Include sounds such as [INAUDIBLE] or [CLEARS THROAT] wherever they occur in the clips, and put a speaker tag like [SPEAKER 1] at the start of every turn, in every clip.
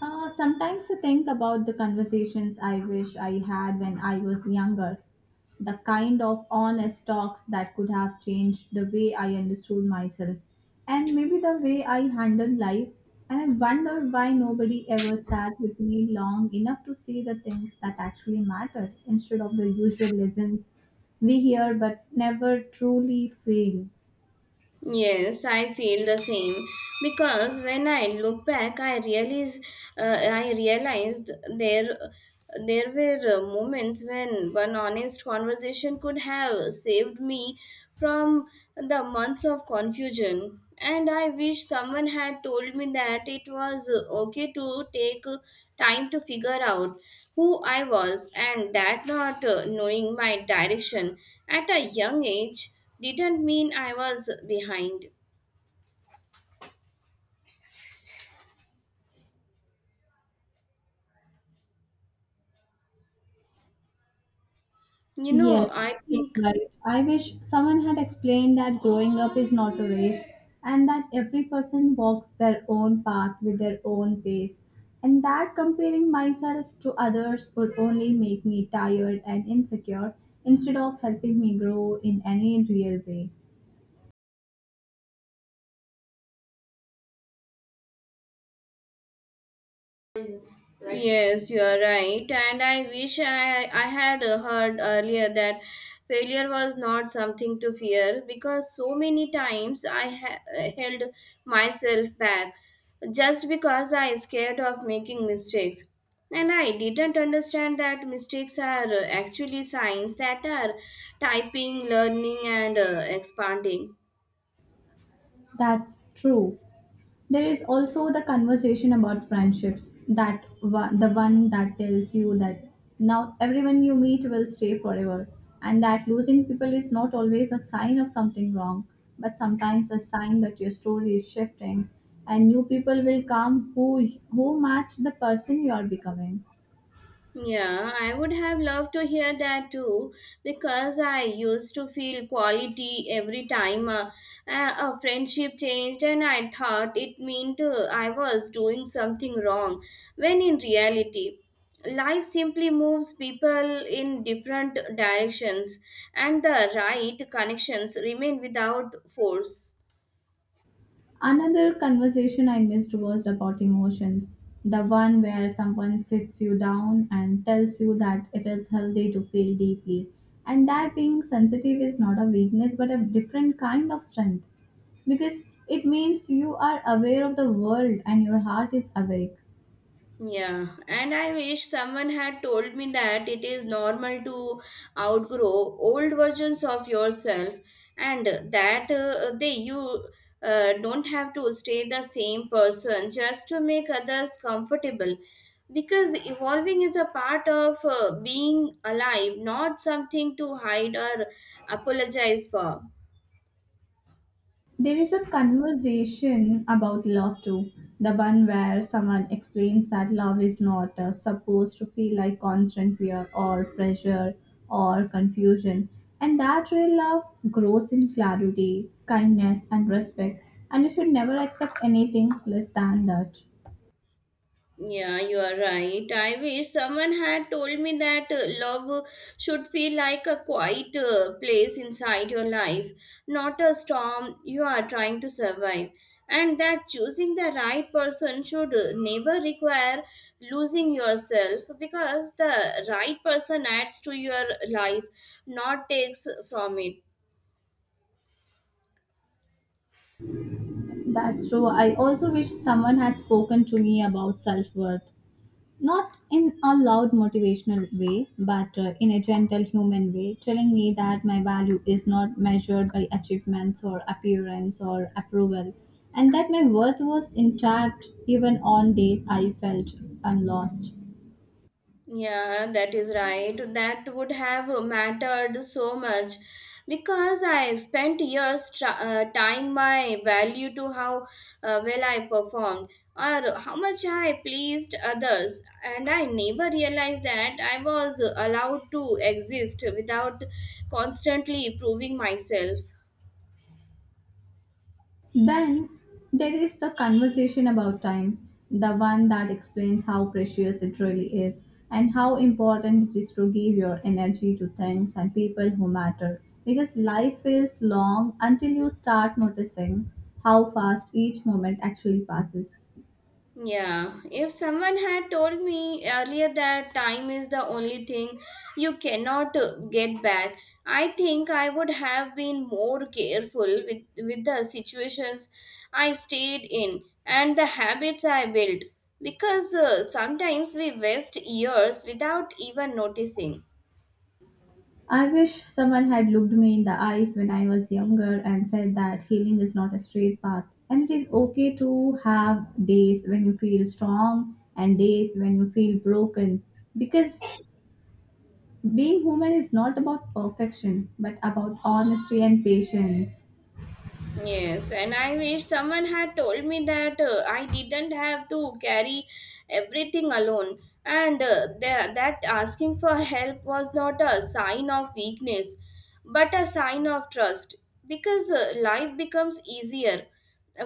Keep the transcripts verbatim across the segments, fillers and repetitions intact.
[SPEAKER 1] Uh, sometimes I think about the conversations I wish I had when I was younger, the kind of honest talks that could have changed the way I understood myself and maybe the way I handled life. And I wonder why nobody ever sat with me long enough to see the things that actually mattered instead of the usual lessons we hear but never truly feel.
[SPEAKER 2] Yes, I feel the same because when I look back, I realize uh, I realized there there were uh, moments when one honest conversation could have saved me from the months of confusion. And I wish someone had told me that it was uh, okay to take uh, time to figure out who I was, and that not uh, knowing my direction at a young age didn't mean I was behind. You know,
[SPEAKER 1] Yes,
[SPEAKER 2] I
[SPEAKER 1] you said
[SPEAKER 2] think.
[SPEAKER 1] right. I wish someone had explained that growing up is not a race and that every person walks their own path with their own pace, and that comparing myself to others would only make me tired and insecure instead of helping me grow in any real way.
[SPEAKER 2] Right? Yes, you are right, and I wish I I had uh, heard earlier that failure was not something to fear because so many times I ha- uh, held myself back just because I scared of making mistakes. And I didn't understand that mistakes are uh, actually signs that are typing, learning, and uh, expanding.
[SPEAKER 1] That's true. There is also the conversation about friendships, that one, the one that tells you that now everyone you meet will stay forever and that losing people is not always a sign of something wrong but sometimes a sign that your story is shifting and new people will come who who match the person you are becoming.
[SPEAKER 2] Yeah, I would have loved to hear that too because I used to feel quality every time uh, a, a friendship changed and I thought it meant uh, I was doing something wrong when in reality life simply moves people in different directions and the right connections remain without force.
[SPEAKER 1] Another conversation I missed was about emotions. The one where someone sits you down and tells you that it is healthy to feel deeply, and that being sensitive is not a weakness but a different kind of strength because it means you are aware of the world and your heart is awake.
[SPEAKER 2] Yeah, and I wish someone had told me that it is normal to outgrow old versions of yourself and that uh, they you uh, don't have to stay the same person just to make others comfortable because evolving is a part of uh, being alive, not something to hide or apologize for.
[SPEAKER 1] There is a conversation about love too, the one where someone explains that love is not uh, supposed to feel like constant fear or pressure or confusion, and that real love grows in clarity, kindness, and respect. And you should never accept anything less than that.
[SPEAKER 2] Yeah, you are right. I wish someone had told me that uh, love should feel like a quiet uh, place inside your life, not a storm you are trying to survive. And that choosing the right person should uh, never require losing yourself because the right person adds to your life, not takes from it.
[SPEAKER 1] That's true. I also wish someone had spoken to me about self worth. Not in a loud motivational way, but uh, in a gentle human way, telling me that my value is not measured by achievements or appearance or approval, and that my worth was intact even on days I felt unlost.
[SPEAKER 2] Yeah, that is right. That would have mattered so much because I spent years try, uh, tying my value to how uh, well I performed or how much I pleased others, and I never realized that I was allowed to exist without constantly proving myself.
[SPEAKER 1] Then there is the conversation about time, the one that explains how precious it really is and how important it is to give your energy to things and people who matter. Because life feels long until you start noticing how fast each moment actually passes.
[SPEAKER 2] Yeah, if someone had told me earlier that time is the only thing you cannot uh, get back, I think I would have been more careful with, with the situations I stayed in and the habits I built because uh, sometimes we waste years without even noticing.
[SPEAKER 1] I wish someone had looked me in the eyes when I was younger and said that healing is not a straight path and it is okay to have days when you feel strong and days when you feel broken, because being human is not about perfection but about honesty and patience.
[SPEAKER 2] Yes, and I wish someone had told me that uh, I didn't have to carry everything alone. And uh, tha- that asking for help was not a sign of weakness, but a sign of trust. Because uh, life becomes easier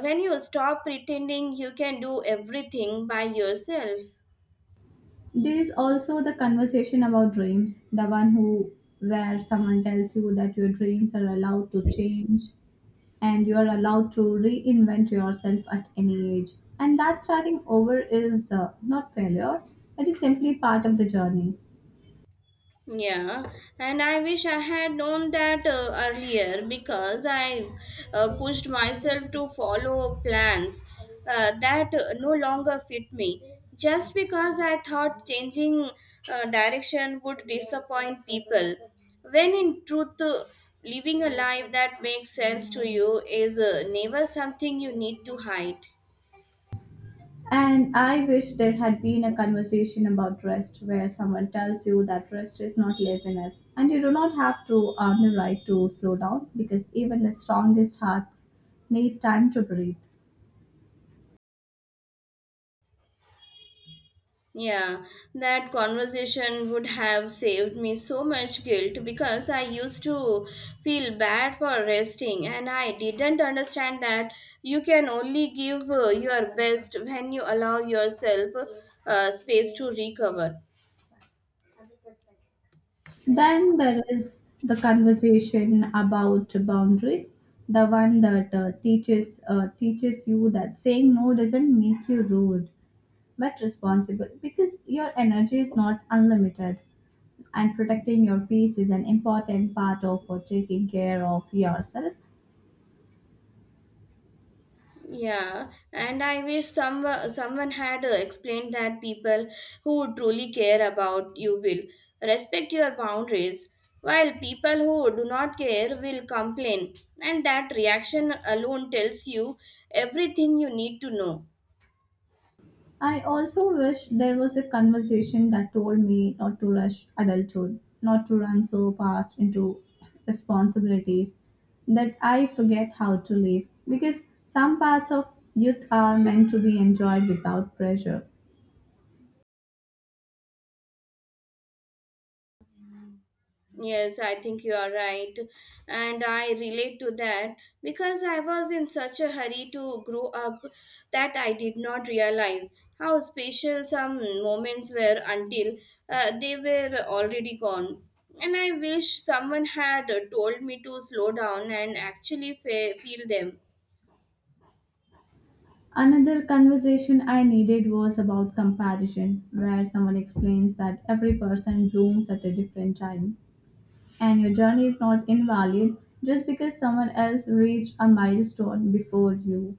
[SPEAKER 2] when you stop pretending you can do everything by yourself.
[SPEAKER 1] There is also the conversation about dreams, the one who where someone tells you that your dreams are allowed to change and you are allowed to reinvent yourself at any age. And that starting over is uh, not failure, it is simply part of the journey.
[SPEAKER 2] Yeah, and I wish I had known that uh, earlier because I uh, pushed myself to follow plans uh, that uh, no longer fit me just because I thought changing uh, direction would disappoint people. When in truth, uh, living a life that makes sense to you is uh, never something you need to hide.
[SPEAKER 1] And I wish there had been a conversation about rest, where someone tells you that rest is not laziness and you do not have to earn the right to slow down because even the strongest hearts need time to breathe.
[SPEAKER 2] Yeah, that conversation would have saved me so much guilt because I used to feel bad for resting and I didn't understand that you can only give uh, your best when you allow yourself uh, space to recover.
[SPEAKER 1] Then there is the conversation about boundaries, the one that uh, teaches uh, teaches you that saying no doesn't make you rude, but responsible, because your energy is not unlimited, and protecting your peace is an important part of uh, taking care of yourself.
[SPEAKER 2] Yeah, and I wish some someone had uh, explained that people who truly care about you will respect your boundaries, while people who do not care will complain, and that reaction alone tells you everything you need to know.
[SPEAKER 1] I also wish there was a conversation that told me not to rush adulthood, not to run so fast into responsibilities that I forget how to live. Because some parts of youth are meant to be enjoyed without pressure.
[SPEAKER 2] Yes, I think you are right. And I relate to that because I was in such a hurry to grow up that I did not realize how special some moments were until uh, they were already gone. And I wish someone had uh, told me to slow down and actually fe- feel them.
[SPEAKER 1] Another conversation I needed was about comparison, where someone explains that every person blooms at a different time and your journey is not invalid just because someone else reached a milestone before you.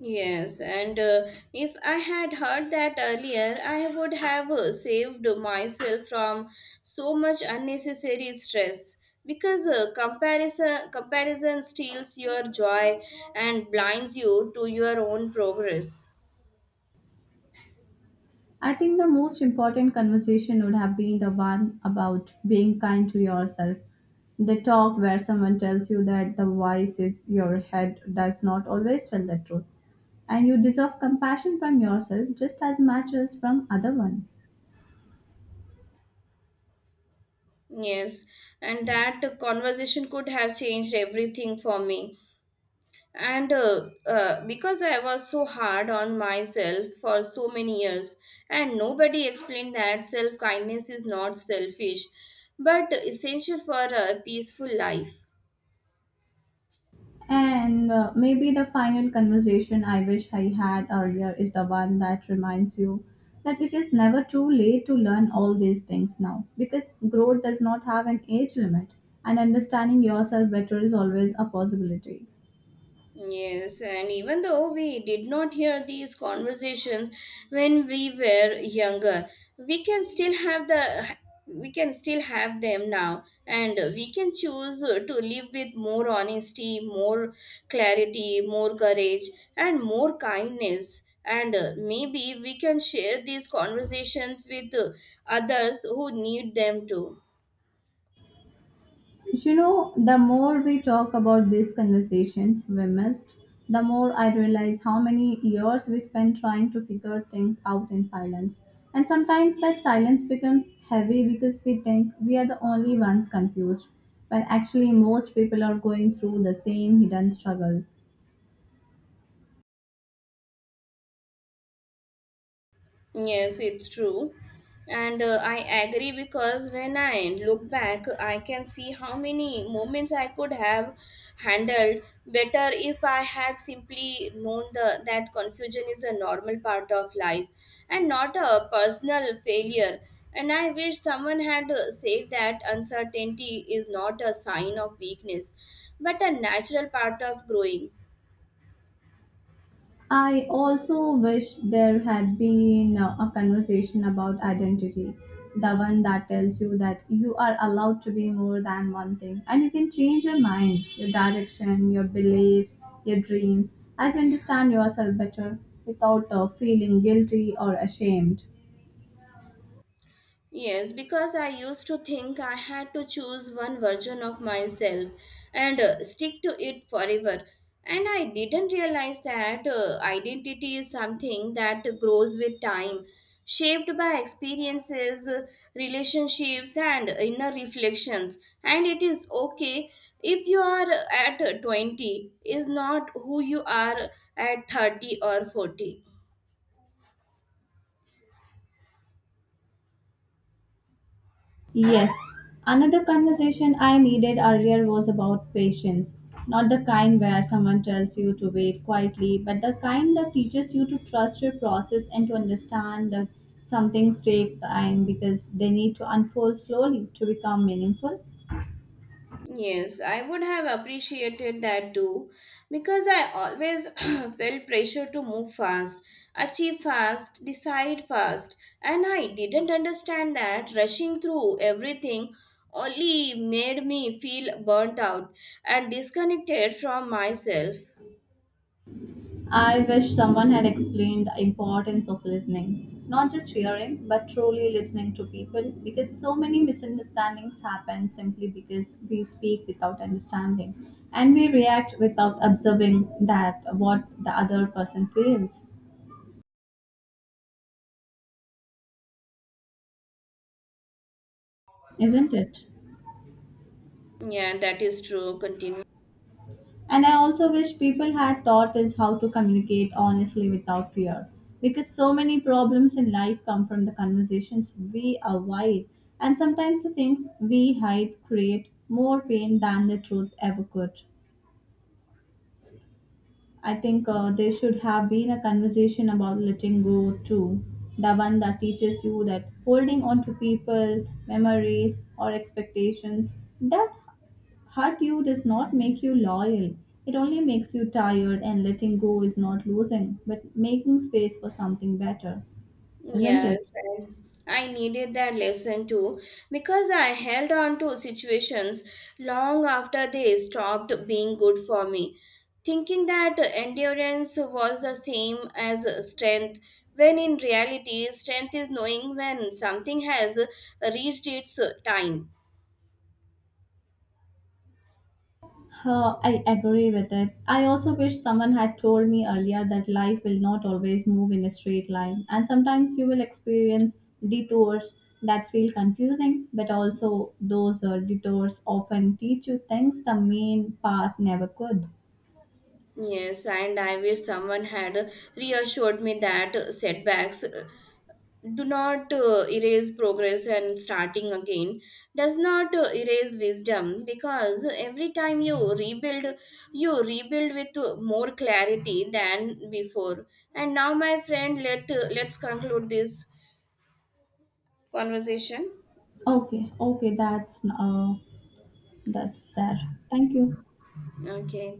[SPEAKER 2] Yes, and uh, if I had heard that earlier, I would have uh, saved myself from so much unnecessary stress because uh, comparison comparison steals your joy and blinds you to your own progress.
[SPEAKER 1] I think the most important conversation would have been the one about being kind to yourself. The talk where someone tells you that the voice is your head does not always tell the truth, and you deserve compassion from yourself just as much as from other one.
[SPEAKER 2] Yes, and that conversation could have changed everything for me. and uh, uh, because I was so hard on myself for so many years and nobody explained that self kindness is not selfish but essential for a peaceful life.
[SPEAKER 1] And uh, maybe the final conversation I wish I had earlier is the one that reminds you that it is never too late to learn all these things now, because growth does not have an age limit and understanding yourself better is always a possibility.
[SPEAKER 2] Yes, and even though we did not hear these conversations when we were younger, we can still have the we can still have them now and we can choose to live with more honesty, more clarity, more courage and more kindness and uh, maybe we can share these conversations with uh, others who need them too.
[SPEAKER 1] You know, the more we talk about these conversations we missed, the more I realize how many years we spend trying to figure things out in silence. And sometimes that silence becomes heavy because we think we are the only ones confused, when actually most people are going through the same hidden struggles.
[SPEAKER 2] Yes, it's true. And uh, I agree because when I look back, I can see how many moments I could have handled better if I had simply known the, that confusion is a normal part of life and not a personal failure. And I wish someone had uh, said that uncertainty is not a sign of weakness but a natural part of growing.
[SPEAKER 1] I also wish there had been uh, a conversation about identity, the one that tells you that you are allowed to be more than one thing and you can change your mind, your direction, your beliefs, your dreams as you understand yourself better without uh, feeling guilty or ashamed.
[SPEAKER 2] Yes, because I used to think I had to choose one version of myself and uh, stick to it forever. And I didn't realize that uh, identity is something that grows with time, shaped by experiences, uh, relationships, and inner reflections. And it is okay if you are at twenty, is not who you are at thirty or forty.
[SPEAKER 1] Yes, another conversation I needed earlier was about patience. Not the kind where someone tells you to wait quietly, but the kind that teaches you to trust your process and to understand that some things take time because they need to unfold slowly to become meaningful.
[SPEAKER 2] Yes, I would have appreciated that too because I always [CLEARS THROAT] felt pressure to move fast, achieve fast, decide fast, and I didn't understand that rushing through everything only made me feel burnt out and disconnected from myself.
[SPEAKER 1] I wish someone had explained the importance of listening, not just hearing, but truly listening to people, because so many misunderstandings happen simply because we speak without understanding and we react without observing that what the other person feels, isn't it?
[SPEAKER 2] Yeah, that is true. Continue.
[SPEAKER 1] And I also wish people had taught us how to communicate honestly without fear. Because so many problems in life come from the conversations we avoid, and sometimes the things we hide create more pain than the truth ever could. I think uh, there should have been a conversation about letting go too. The one that teaches you that holding on to people, memories, or expectations that hurt you does not make you loyal. It only makes you tired, and letting go is not losing, but making space for something better, isn't it?
[SPEAKER 2] Yes, and I needed that lesson too because I held on to situations long after they stopped being good for me, thinking that endurance was the same as strength, when in reality, strength is knowing when something has reached its time.
[SPEAKER 1] Huh, I agree with it. I also wish someone had told me earlier that life will not always move in a straight line, and sometimes you will experience detours that feel confusing, but also those uh, detours often teach you things the main path never could.
[SPEAKER 2] Yes, and I wish someone had reassured me that setbacks do not uh, erase progress and starting again does not uh, erase wisdom because every time you rebuild you rebuild with uh, more clarity than before. And now, my friend, let uh, let's conclude this conversation.
[SPEAKER 1] Okay, okay, that's uh, that's there. Thank you.
[SPEAKER 2] Okay,